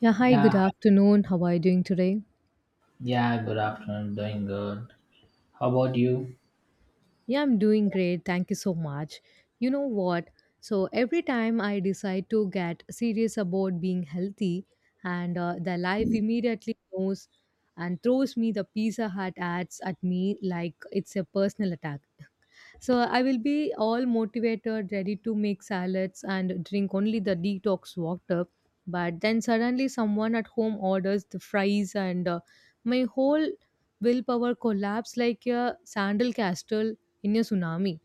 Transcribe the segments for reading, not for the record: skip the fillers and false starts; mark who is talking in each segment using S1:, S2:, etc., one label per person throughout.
S1: Yeah, hi, good
S2: Yeah,
S1: afternoon. How are you doing today?
S2: yeah, good afternoon. Doing good. How about you?
S1: Yeah, I'm doing great. Thank you so much. You know what? So every time I decide to get serious about being healthy, and the life immediately knows and throws me the Pizza Hut ads at me like it's a personal attack. So I will be all motivated, ready to make salads and drink only the detox water. But then suddenly someone at home orders the fries, and my whole willpower collapse like a sandal castle in a tsunami.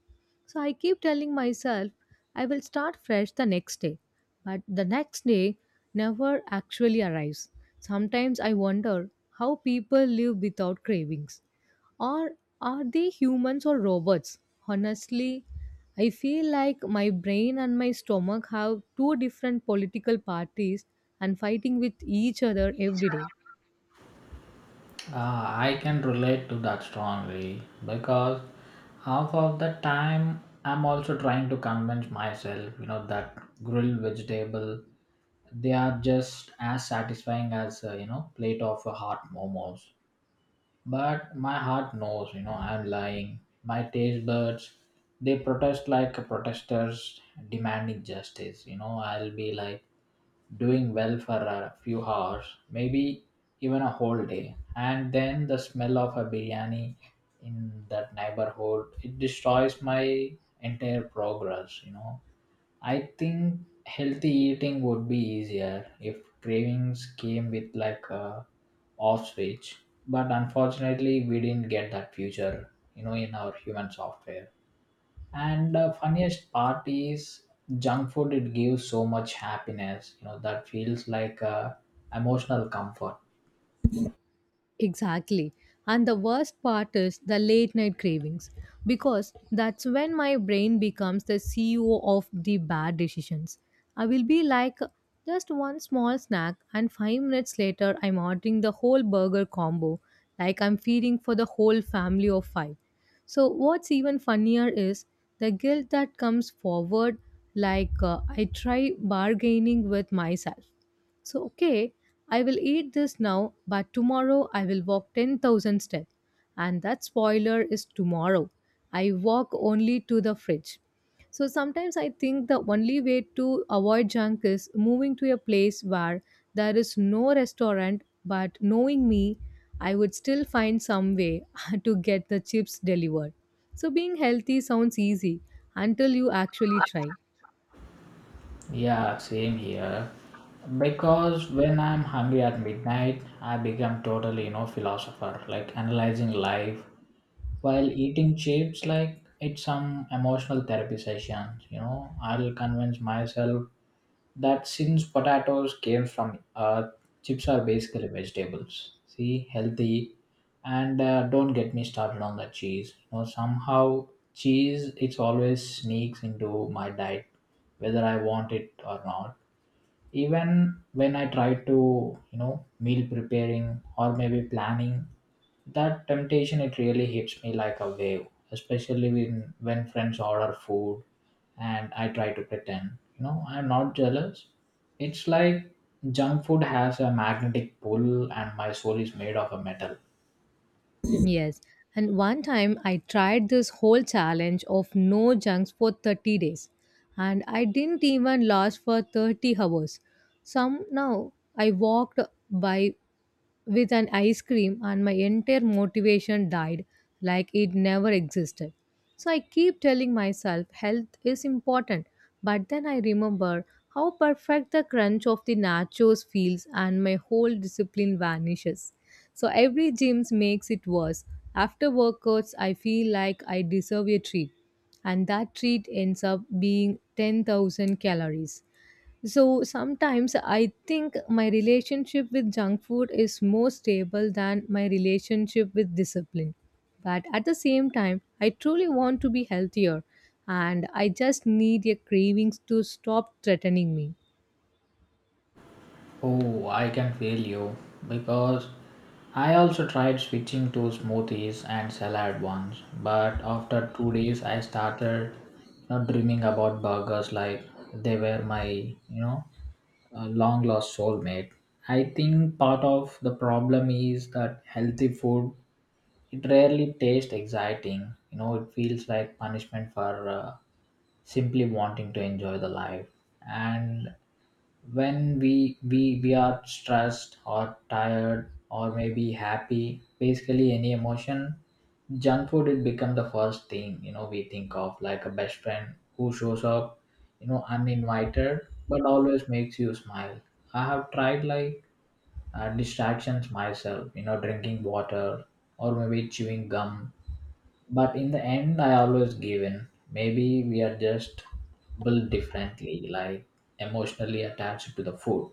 S1: So I keep telling myself I will start fresh the next day, but the next day never actually arrives. Sometimes I wonder how people live without cravings. Or are they humans or robots? Honestly, I feel like my brain and my stomach have two different political parties and fighting with each other every day.
S2: Uh, I can relate to that strongly because half of the time I'm also trying to convince myself, that grilled vegetable they are just as satisfying as plate of a hot momos, but my heart knows, I'm lying. My taste buds, they protest like protesters demanding justice. I'll be like doing well for a few hours, maybe even a whole day. And then the smell of a biryani in that neighborhood, it destroys my entire progress. I think healthy eating would be easier if cravings came with like a off switch. But unfortunately, we didn't get that feature, in our human software. And the funniest part is junk food, it gives so much happiness, that feels like a emotional comfort.
S1: Exactly. And the worst part is the late night cravings because that's when my brain becomes the CEO of the bad decisions. I will be like just one small snack, and 5 minutes later, I'm ordering the whole burger combo like I'm feeding for the whole family of five. So, what's even funnier is the guilt that comes forward like I try bargaining with myself, so, okay, I will eat this now, but tomorrow I will walk 10,000 steps. And that spoiler is tomorrow. I walk only to the fridge. So sometimes I think the only way to avoid junk is moving to a place where there is no restaurant, but knowing me, I would still find some way to get the chips delivered. So being healthy sounds easy until you actually try.
S2: Yeah, same here. Because when I'm hungry at midnight, I become totally, philosopher, like analyzing life. While eating chips, like it's some emotional therapy sessions, I'll convince myself that since potatoes came from earth, chips are basically vegetables. See, healthy, and don't get me started on the cheese. Somehow cheese it always sneaks into my diet, whether I want it or not, even when I try to meal preparing or maybe planning. That temptation it really hits me like a wave, especially when friends order food, and I try to pretend, I'm not jealous. It's like junk food has a magnetic pull and my soul is made of a metal.
S1: Yes. And one time I tried this whole challenge of no junks for 30 days and I didn't even last for 30 hours. Somehow I walked by with an ice cream and my entire motivation died like it never existed. So I keep telling myself health is important, but then I remember how perfect the crunch of the nachos feels and my whole discipline vanishes. So every gym makes it worse. After workouts, I feel like I deserve a treat, and that treat ends up being 10,000 calories. So sometimes I think my relationship with junk food is more stable than my relationship with discipline. But at the same time, I truly want to be healthier and I just need a cravings to stop threatening me.
S2: Oh, I can feel you, because I also tried switching to smoothies and salad once, but after 2 days I started dreaming about burgers like they were my long lost soulmate. I think part of the problem is that healthy food it rarely tastes exciting. It feels like punishment for simply wanting to enjoy the life, and when we are stressed or tired or maybe happy, basically any emotion, junk food it become the first thing we think of, like a best friend who shows up uninvited but always makes you smile. I have tried like distractions myself, drinking water or maybe chewing gum, but in the end I always give in. Maybe we are just built differently, like emotionally attached to the food.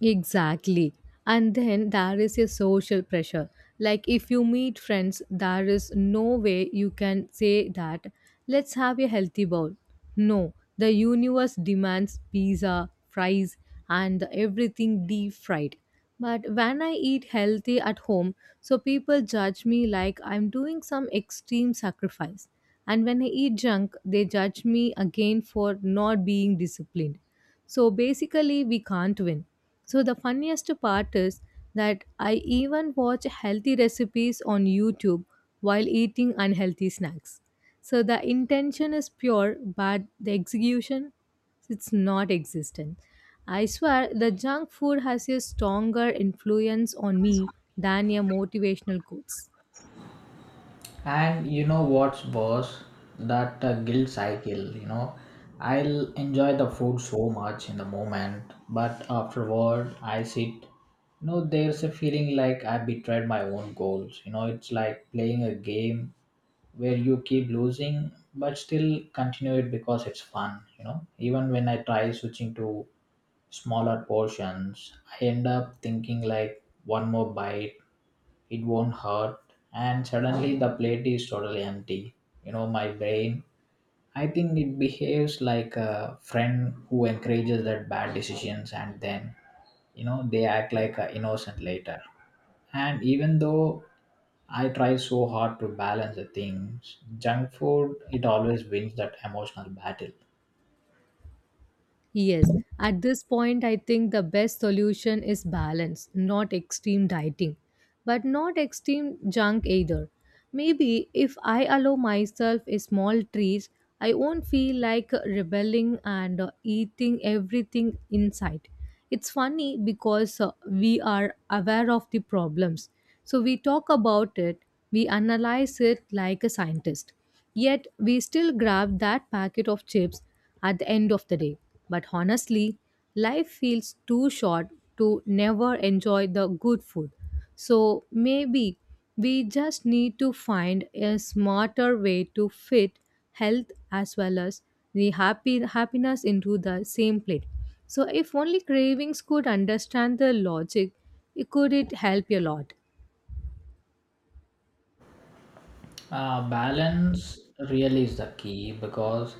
S1: Exactly. And then there is a social pressure. Like if you meet friends, there is no way you can say that, let's have a healthy bowl. No, the universe demands pizza, fries, and everything deep fried. But when I eat healthy at home, so people judge me like I'm doing some extreme sacrifice. And when I eat junk, they judge me again for not being disciplined. So basically, we can't win. So the funniest part is that I even watch healthy recipes on YouTube while eating unhealthy snacks. So the intention is pure, but the execution it's not existent. I swear the junk food has a stronger influence on me than your motivational quotes.
S2: And you know what's worse? That guilt cycle. I'll enjoy the food so much in the moment, but afterward, I sit. There's a feeling like I betrayed my own goals. It's like playing a game where you keep losing, but still continue it because it's fun. Even when I try switching to smaller portions, I end up thinking like one more bite it won't hurt, and suddenly the plate is totally empty. My brain, I think it behaves like a friend who encourages that bad decisions, and then they act like a innocent later. And even though I try so hard to balance the things, junk food it always wins that emotional battle.
S1: Yes, at this point, I think the best solution is balance, not extreme dieting, but not extreme junk either. Maybe if I allow myself a small treat, I won't feel like rebelling and eating everything in sight. It's funny because we are aware of the problems. So we talk about it, we analyze it like a scientist. Yet we still grab that packet of chips at the end of the day. But honestly, life feels too short to never enjoy the good food. So maybe we just need to find a smarter way to fit health as well as the happy happiness into the same plate. So if only cravings could understand the logic, it could it help a lot.
S2: Balance really is the key, because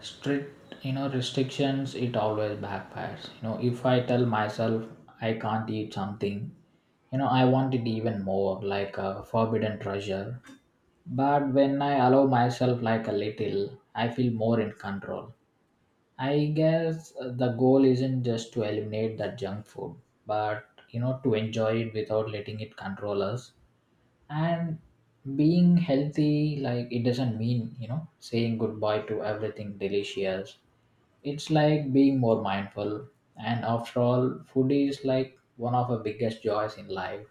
S2: strict, restrictions it always backfires. If I tell myself I can't eat something, I want it even more, like a forbidden treasure. But when I allow myself like a little, I feel more in control. I guess the goal isn't just to eliminate that junk food, but to enjoy it without letting it control us, and being healthy like it doesn't mean, saying goodbye to everything delicious. It's like being more mindful, and after all, food is like one of the biggest joys in life,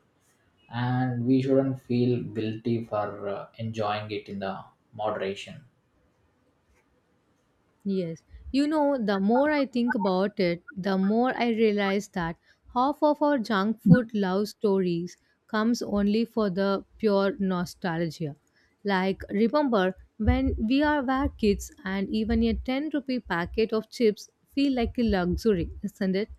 S2: and we shouldn't feel guilty for enjoying it in the moderation.
S1: Yes. You know, the more I think about it, the more I realize that half of our junk food love stories comes only for the pure nostalgia. Like, remember when we are were kids and even a 10 rupee packet of chips feel like a luxury, isn't it?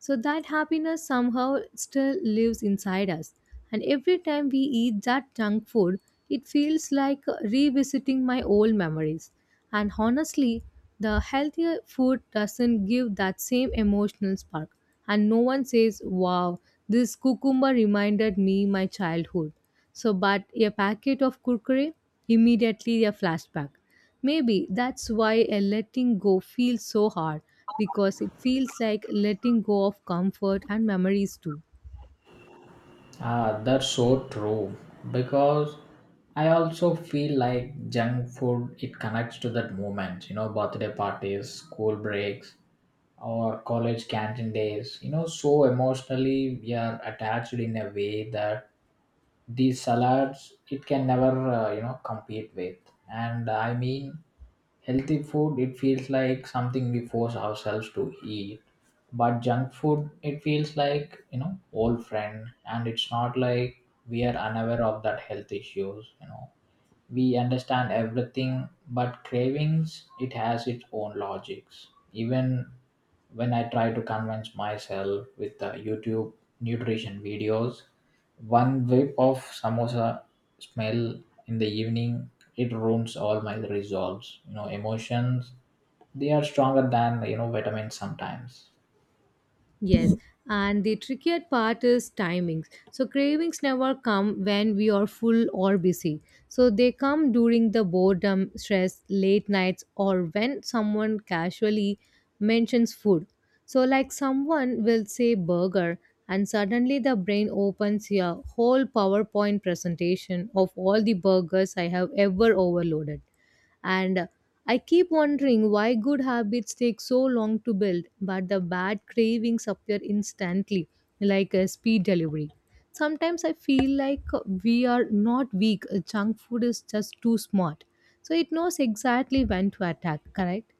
S1: So that happiness somehow still lives inside us. And every time we eat that junk food, it feels like revisiting my old memories and honestly, the healthier food doesn't give that same emotional spark. And no one says, wow, this cucumber reminded me my childhood. So, but a packet of kurkure, immediately a flashback. Maybe that's why a letting go feels so hard because it feels like letting go of comfort and memories too.
S2: Ah, that's so true. Because I also feel like junk food it connects to that moment, birthday parties, school breaks, or college canteen days. So emotionally we are attached in a way that these salads it can never compete with. And I mean, healthy food it feels like something we force ourselves to eat, but junk food it feels like, old friend, and it's not like we are unaware of that health issues. We understand everything, but cravings it has its own logics. Even when I try to convince myself with the YouTube nutrition videos, one whip of samosa smell in the evening, it ruins all my resolves. Emotions, they are stronger than, vitamins sometimes.
S1: Yes, and the trickier part is timings. So, cravings never come when we are full or busy. So, they come during the boredom, stress, late nights, or when someone casually mentions food. So, like someone will say burger, and suddenly the brain opens a whole PowerPoint presentation of all the burgers I have ever overloaded. And I keep wondering why good habits take so long to build, but the bad cravings appear instantly, like a speed delivery. Sometimes I feel like we are not weak, junk food is just too smart. So it knows exactly when to attack, correct?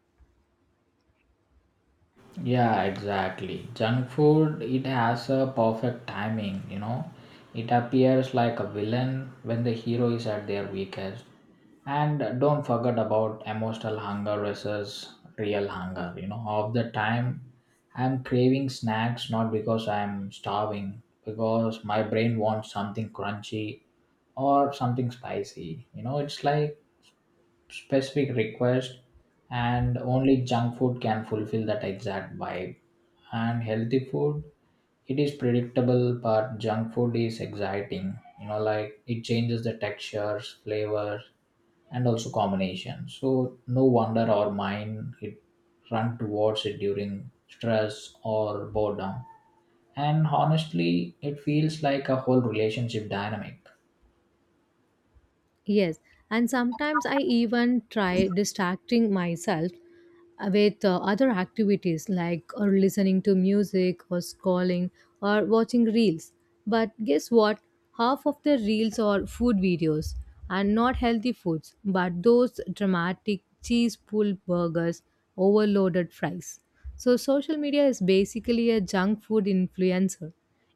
S2: Yeah, exactly. Junk food, it has a perfect timing. It appears like a villain when the hero is at their weakest. And don't forget about emotional hunger versus real hunger. Of the time, I'm craving snacks not because I'm starving, because my brain wants something crunchy or something spicy. It's like specific request, and only junk food can fulfill that exact vibe. And healthy food it is predictable, but junk food is exciting, like it changes the textures, flavors, and also combinations. So no wonder our mind it run towards it during stress or boredom, and honestly it feels like a whole relationship dynamic.
S1: Yes, and sometimes I even try distracting myself with other activities like or listening to music or scrolling or watching reels. But guess what? Half of the reels are food videos and not healthy foods, but those dramatic cheese pulled burgers, overloaded fries. So social media is basically a junk food influencer.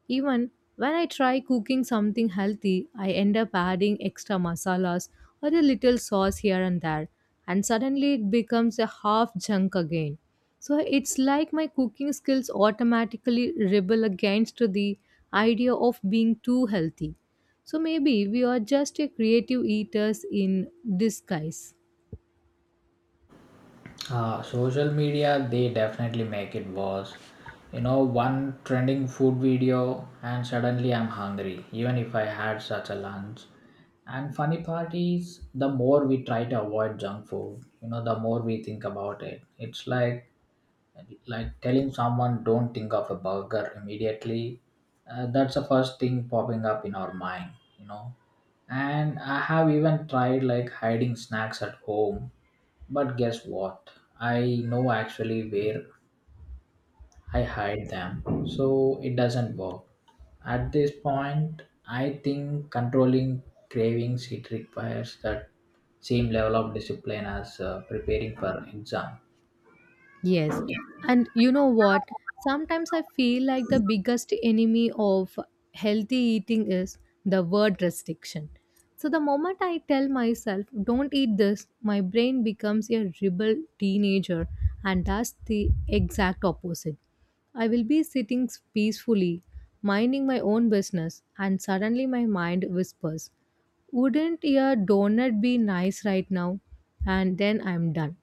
S1: Even when I try cooking something healthy, I end up adding extra masalas or a little sauce here and there, and suddenly it becomes a half junk again. So it's like my cooking skills automatically rebel against the idea of being too healthy. So maybe we are just a creative eaters in disguise.
S2: Social media, they definitely make it worse. One trending food video, and suddenly I'm hungry, even if I had such a lunch. And funny part is, the more we try to avoid junk food, the more we think about it. It's like telling someone don't think of a burger immediately. That's the first thing popping up in our mind, you know. And I have even tried like hiding snacks at home, but guess what? I know actually where I hide them, so it doesn't work. At this point, I think controlling cravings it requires that same level of discipline as preparing for exam.
S1: Yes. And you know what? Sometimes I feel like the biggest enemy of healthy eating is the word restriction. So the moment I tell myself, don't eat this, my brain becomes a rebel teenager and does the exact opposite. I will be sitting peacefully, minding my own business, and suddenly my mind whispers wouldn't a donut be nice right now, and then I'm done.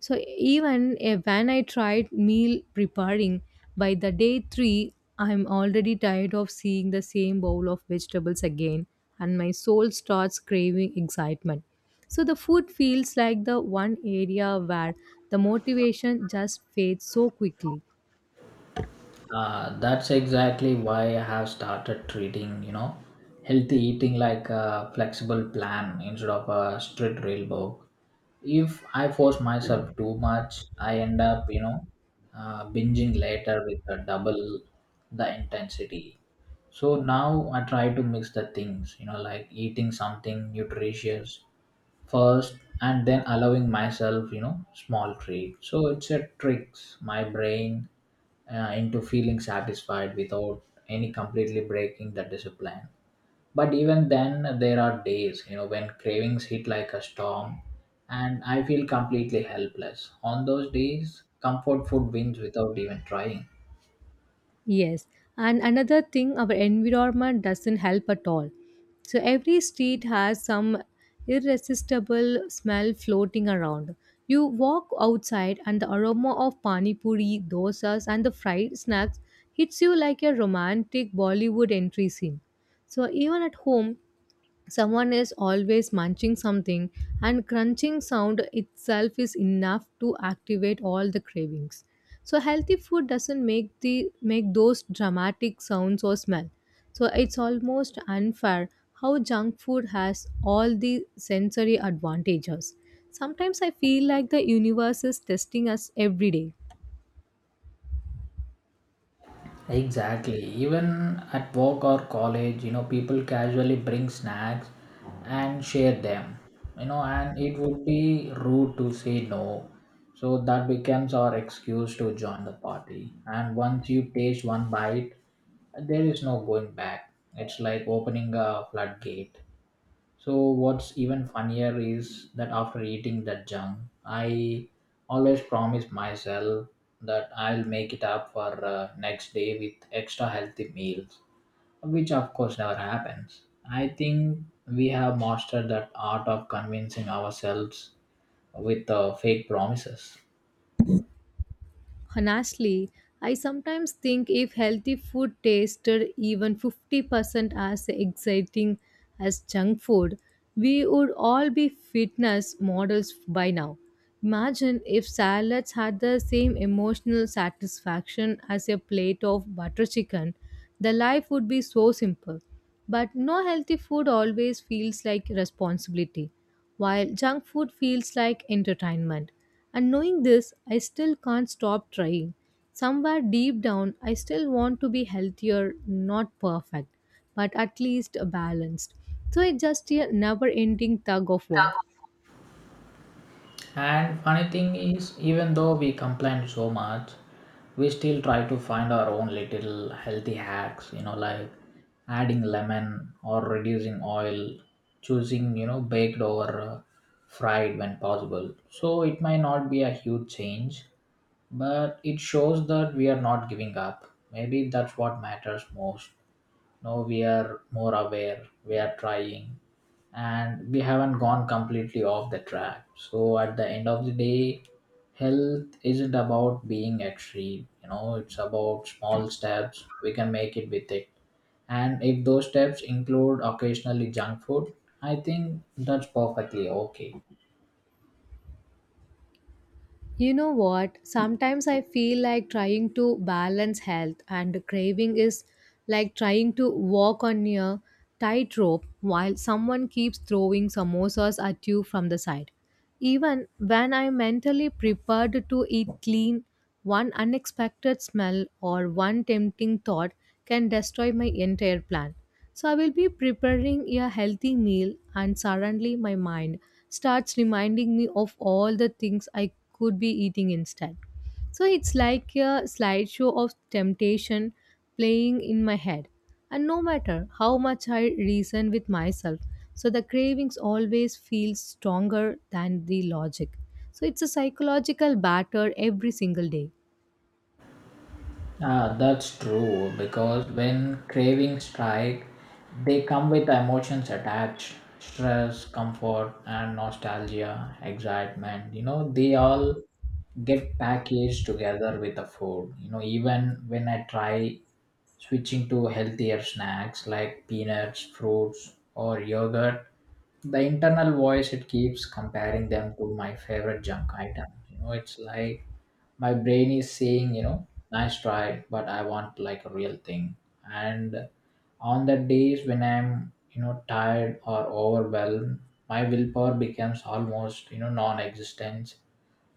S1: So even if, when I tried meal preparing by the day 3, I'm already tired of seeing the same bowl of vegetables again and my soul starts craving excitement. So the food feels like the one area where the motivation just fades so quickly.
S2: That's exactly why I have started treating, healthy eating like a flexible plan instead of a strict rule book. If I force myself too much, I end up, binging later with a double the intensity. So now I try to mix the things, like eating something nutritious first, and then allowing myself, small treat. So it's a tricks my brain into feeling satisfied without any completely breaking the discipline. But even then there are days, when cravings hit like a storm, and I feel completely helpless. On those days, comfort food wins without even trying.
S1: Yes, and another thing, our environment doesn't help at all. So every street has some irresistible smell floating around. You walk outside, and the aroma of pani puri, dosas, and the fried snacks hits you like a romantic Bollywood entry scene. So even at home, someone is always munching something and crunching sound itself is enough to activate all the cravings. So healthy food doesn't make those dramatic sounds or smell. So it's almost unfair how junk food has all the sensory advantages. Sometimes I feel like the universe is testing us every day.
S2: Exactly. Even at work or college, people casually bring snacks and share them. And it would be rude to say no. So that becomes our excuse to join the party. And once you taste one bite, there is no going back. It's like opening a floodgate. So what's even funnier is that after eating that junk, I always promise myself that I'll make it up for next day with extra healthy meals, which of course never happens. I think we have mastered that art of convincing ourselves with fake promises.
S1: Honestly, I sometimes think if healthy food tasted even 50% as exciting as junk food, we would all be fitness models by now. Imagine if salads had the same emotional satisfaction as a plate of butter chicken, the life would be so simple. But no healthy food always feels like responsibility while junk food feels like entertainment. And knowing this, I still can't stop trying. Somewhere deep down, I still want to be healthier, not perfect, but at least balanced. So it's just a never ending tug of war.
S2: And funny thing is, even though we complain so much, we still try to find our own little healthy hacks, like adding lemon or reducing oil, choosing, baked over fried when possible. So it might not be a huge change, but it shows that we are not giving up. Maybe that's what matters most. Now we are more aware, we are trying, and we haven't gone completely off the track. So at the end of the day, health isn't about being extreme, it's about small steps we can make it with it. And if those steps include occasionally junk food, I think that's perfectly okay.
S1: You know what? Sometimes I feel like trying to balance health and craving is like trying to walk on a tightrope while someone keeps throwing samosas at you from the side. Even when I'm mentally prepared to eat clean, one unexpected smell or one tempting thought can destroy my entire plan. So I will be preparing a healthy meal, and suddenly my mind starts reminding me of all the things I could be eating instead. So it's like a slideshow of temptation playing in my head. And no matter how much I reason with myself, so the cravings always feel stronger than the logic. So it's a psychological batter every single day.
S2: Ah, that's true, because when cravings strike, they come with emotions attached stress, comfort, and nostalgia, excitement. They all get packaged together with the food. Even when I try switching to healthier snacks like peanuts, fruits, or yogurt, the internal voice it keeps comparing them to my favorite junk item. It's like my brain is saying, nice try, but I want like a real thing. And on the days when I'm, tired or overwhelmed, my willpower becomes almost, non-existent.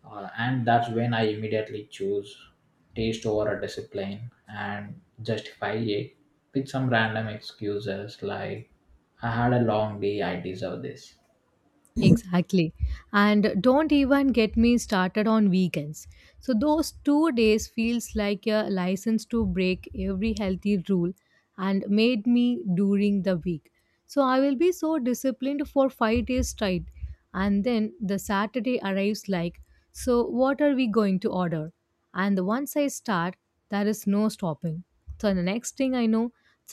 S2: And that's when I immediately choose taste over a discipline, and justify it with some random excuses like, I had a long day, I deserve this.
S1: Exactly. And don't even get me started on weekends. So those 2 days feels like a license to break every healthy rule and made me during the week. So I will be so disciplined for 5 days straight and then the Saturday arrives like so what are we going to order? And once I start, there is no stopping. So the next thing I know,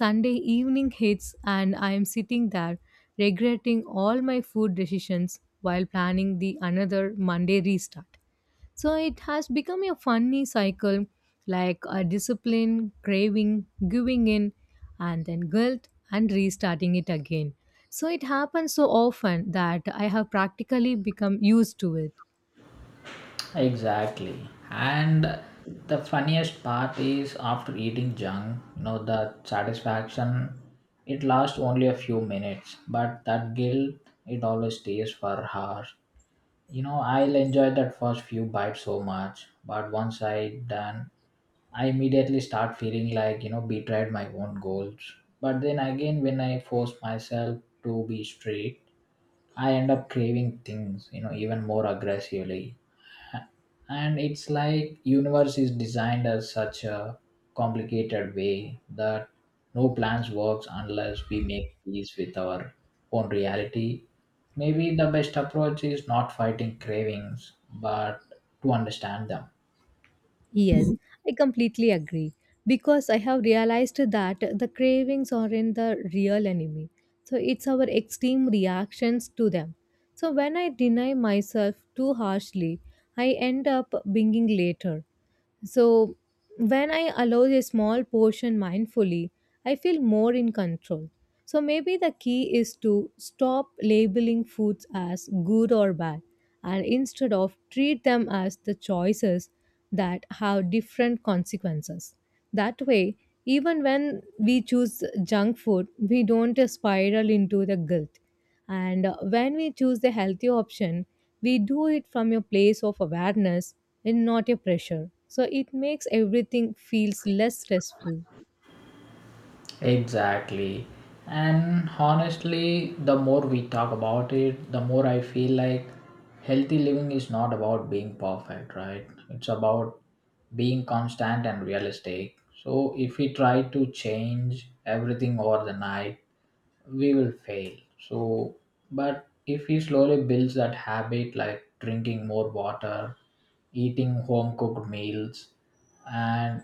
S1: Sunday evening hits and I am sitting there regretting all my food decisions while planning the another Monday restart. So it has become a funny cycle, like a discipline, craving, giving in, and then guilt and restarting it again. So it happens so often that I have practically become used to it.
S2: Exactly. And the funniest part is, after eating junk, the satisfaction, it lasts only a few minutes, but that guilt, it always stays for hours. I'll enjoy that first few bites so much, but once I done, I immediately start feeling like, betrayed my own goals. But then again, when I force myself to be strict, I end up craving things, you know, even more aggressively, and it's like universe is designed as such a complicated way that no plans works unless we make peace with our own reality. Maybe the best approach is not fighting cravings, but to understand them.
S1: Yes, I completely agree, because I have realized that the cravings aren't the real enemy. So it's our extreme reactions to them. So when I deny myself too harshly, I end up being later. So, when I allow a small portion mindfully, I feel more in control. So, maybe the key is to stop labeling foods as good or bad and instead of treat them as the choices that have different consequences. That way, even when we choose junk food, we don't spiral into the guilt. And when we choose the healthy option, we do it from a place of awareness and not a pressure. So it makes everything feels less stressful.
S2: Exactly. And honestly, the more we talk about it, the more I feel like healthy living is not about being perfect, right? It's about being constant and realistic. So if we try to change everything overnight, we will fail. So, but if we slowly builds that habit, like drinking more water, eating home cooked meals, and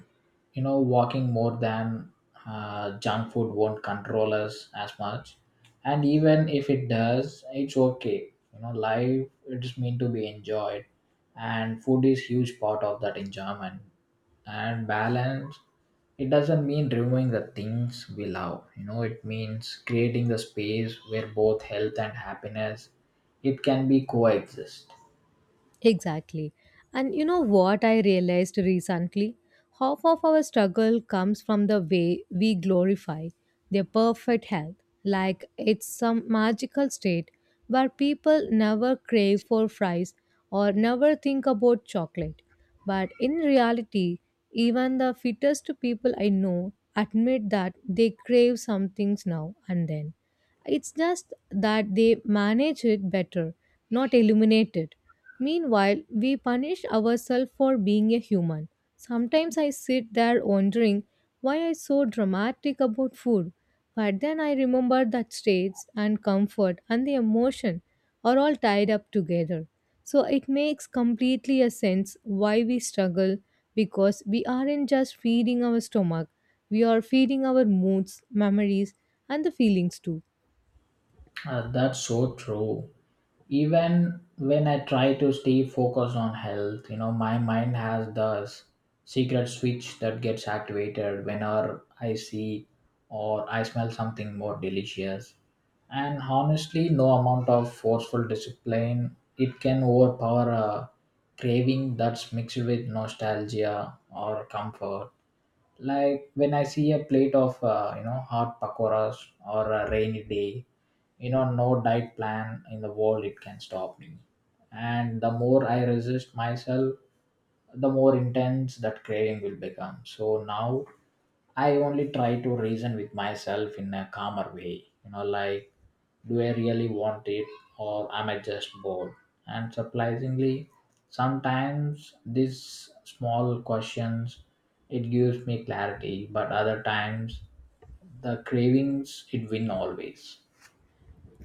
S2: you know, walking more than junk food won't control us as much. And even if it does, it's okay. You know, life it is meant to be enjoyed, and food is huge part of that enjoyment and balance, it doesn't mean removing the things we love, you know, it means creating the space where both health and happiness, it can be coexist.
S1: Exactly. And you know what I realized recently? Half of our struggle comes from the way we glorify their perfect health, like it's some magical state where people never crave for fries or never think about chocolate. But in reality, even the fittest people I know admit that they crave some things now and then. It's just that they manage it better, not eliminate it. Meanwhile, we punish ourselves for being a human. Sometimes I sit there wondering why I'm so dramatic about food. But then I remember that states and comfort and the emotion are all tied up together. So it makes completely a sense why we struggle, because we aren't just feeding our stomach, we are feeding our moods, memories, and the feelings too.
S2: That's so true, even when I try to stay focused on health, you know, my mind has this secret switch that gets activated whenever I see or I smell something more delicious. And honestly, no amount of forceful discipline it can overpower a craving that's mixed with nostalgia or comfort, like when I see a plate of you know, hot pakoras or a rainy day, you know, no diet plan in the world it can stop me. And the more I resist myself, the more intense that craving will become. So now I only try to reason with myself in a calmer way, you know, like, do I really want it, or am I just bored? And surprisingly, sometimes these small questions, it gives me clarity, but other times the cravings it win always.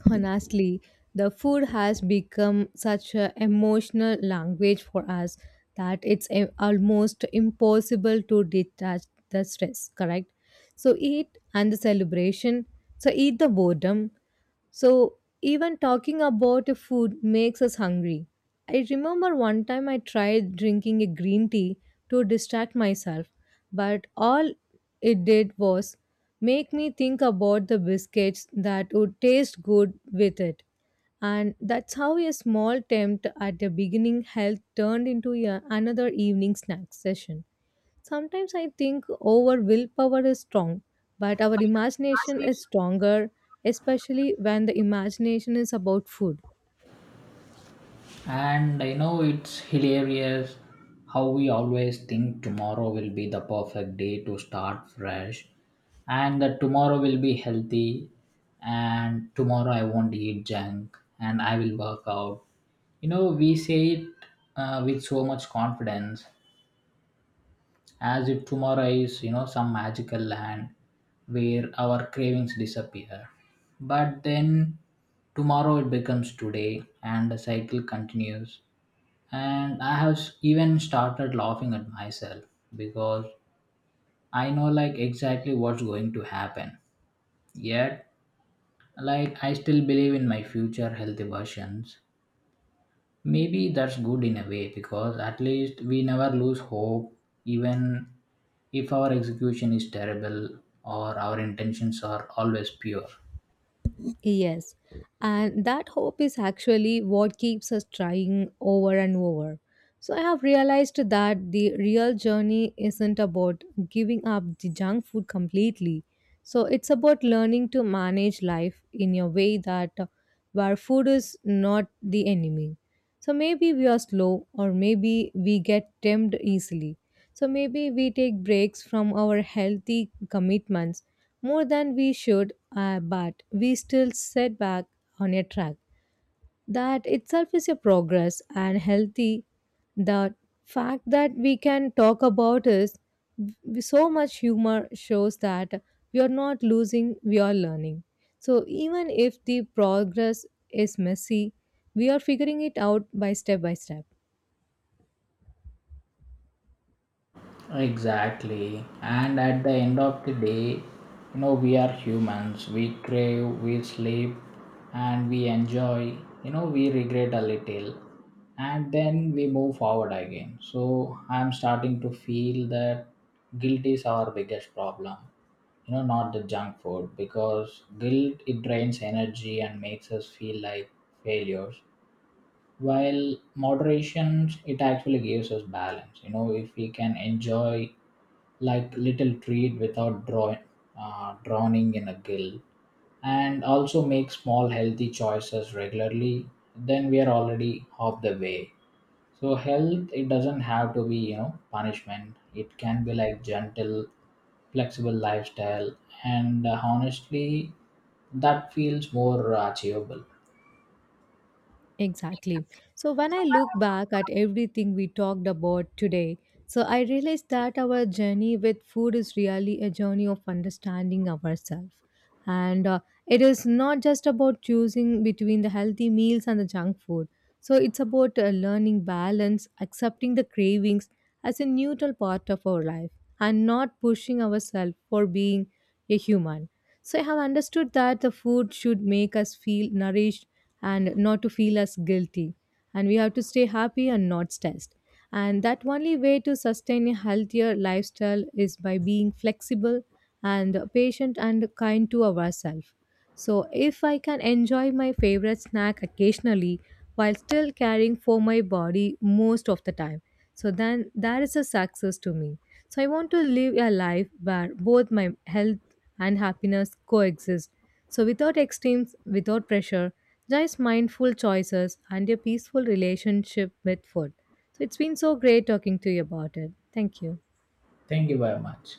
S1: Honestly, the food has become such an emotional language for us that it's almost impossible to detach the stress, correct? So eat and the celebration, so eat the boredom, so, even talking about food makes us hungry. I remember one time I tried drinking a green tea to distract myself, but all it did was make me think about the biscuits that would taste good with it. And that's how a small attempt at the beginning help turned into another evening snack session. Sometimes I think our willpower is strong, but our imagination is stronger, especially when the imagination is about food.
S2: And I know it's hilarious how we always think tomorrow will be the perfect day to start fresh, and that tomorrow will be healthy and tomorrow I won't eat junk and I will work out. You know, we say it with so much confidence, as if tomorrow is, you know, some magical land where our cravings disappear. But then tomorrow it becomes today and the cycle continues, and even started laughing at myself because I know like exactly what's going to happen, yet like I still believe in my future healthy versions. Maybe that's good in a way, because at least we never lose hope, even if our execution is terrible or our intentions are always pure.
S1: Yes, and that hope is actually what keeps us trying over and over. So, I have realized that the real journey isn't about giving up the junk food completely. So, it's about learning to manage life in a way that where food is not the enemy. So, maybe we are slow, or maybe we get tempted easily. So, maybe we take breaks from our healthy commitments more than we should, but we still set back on a track. That itself is a progress and healthy. The fact that we can talk about is so much humor shows that we are not losing, we are learning. So even if the progress is messy, we are figuring it out by step by step.
S2: Exactly. And at the end of the day, you know, we are humans. We crave, we sleep, and we enjoy. You know, we regret a little. And then we move forward again. So I'm starting to feel that guilt is our biggest problem. You know, not the junk food, because guilt it drains energy and makes us feel like failures, while moderation it actually gives us balance. You know, if we can enjoy like little treat without drowning in a guilt, and also make small healthy choices regularly, then we are already half the way. So health it doesn't have to be, you know, punishment. It can be like gentle flexible lifestyle. And honestly, that feels more achievable.
S1: Exactly. So when I look back at everything we talked about today, so I realize that our journey with food is really a journey of understanding ourselves. And it is not just about choosing between the healthy meals and the junk food. So it's about learning balance, accepting the cravings as a neutral part of our life, and not pushing ourselves for being a human. So I have understood that the food should make us feel nourished and not to feel us guilty. And we have to stay happy and not stressed. And that only way to sustain a healthier lifestyle is by being flexible and patient and kind to ourselves. So, if I can enjoy my favorite snack occasionally while still caring for my body most of the time, so then that is a success to me. So, I want to live a life where both my health and happiness coexist. So, without extremes, without pressure, just mindful choices and a peaceful relationship with food. So, it's been so great talking to you about it. Thank you.
S2: Thank you very much.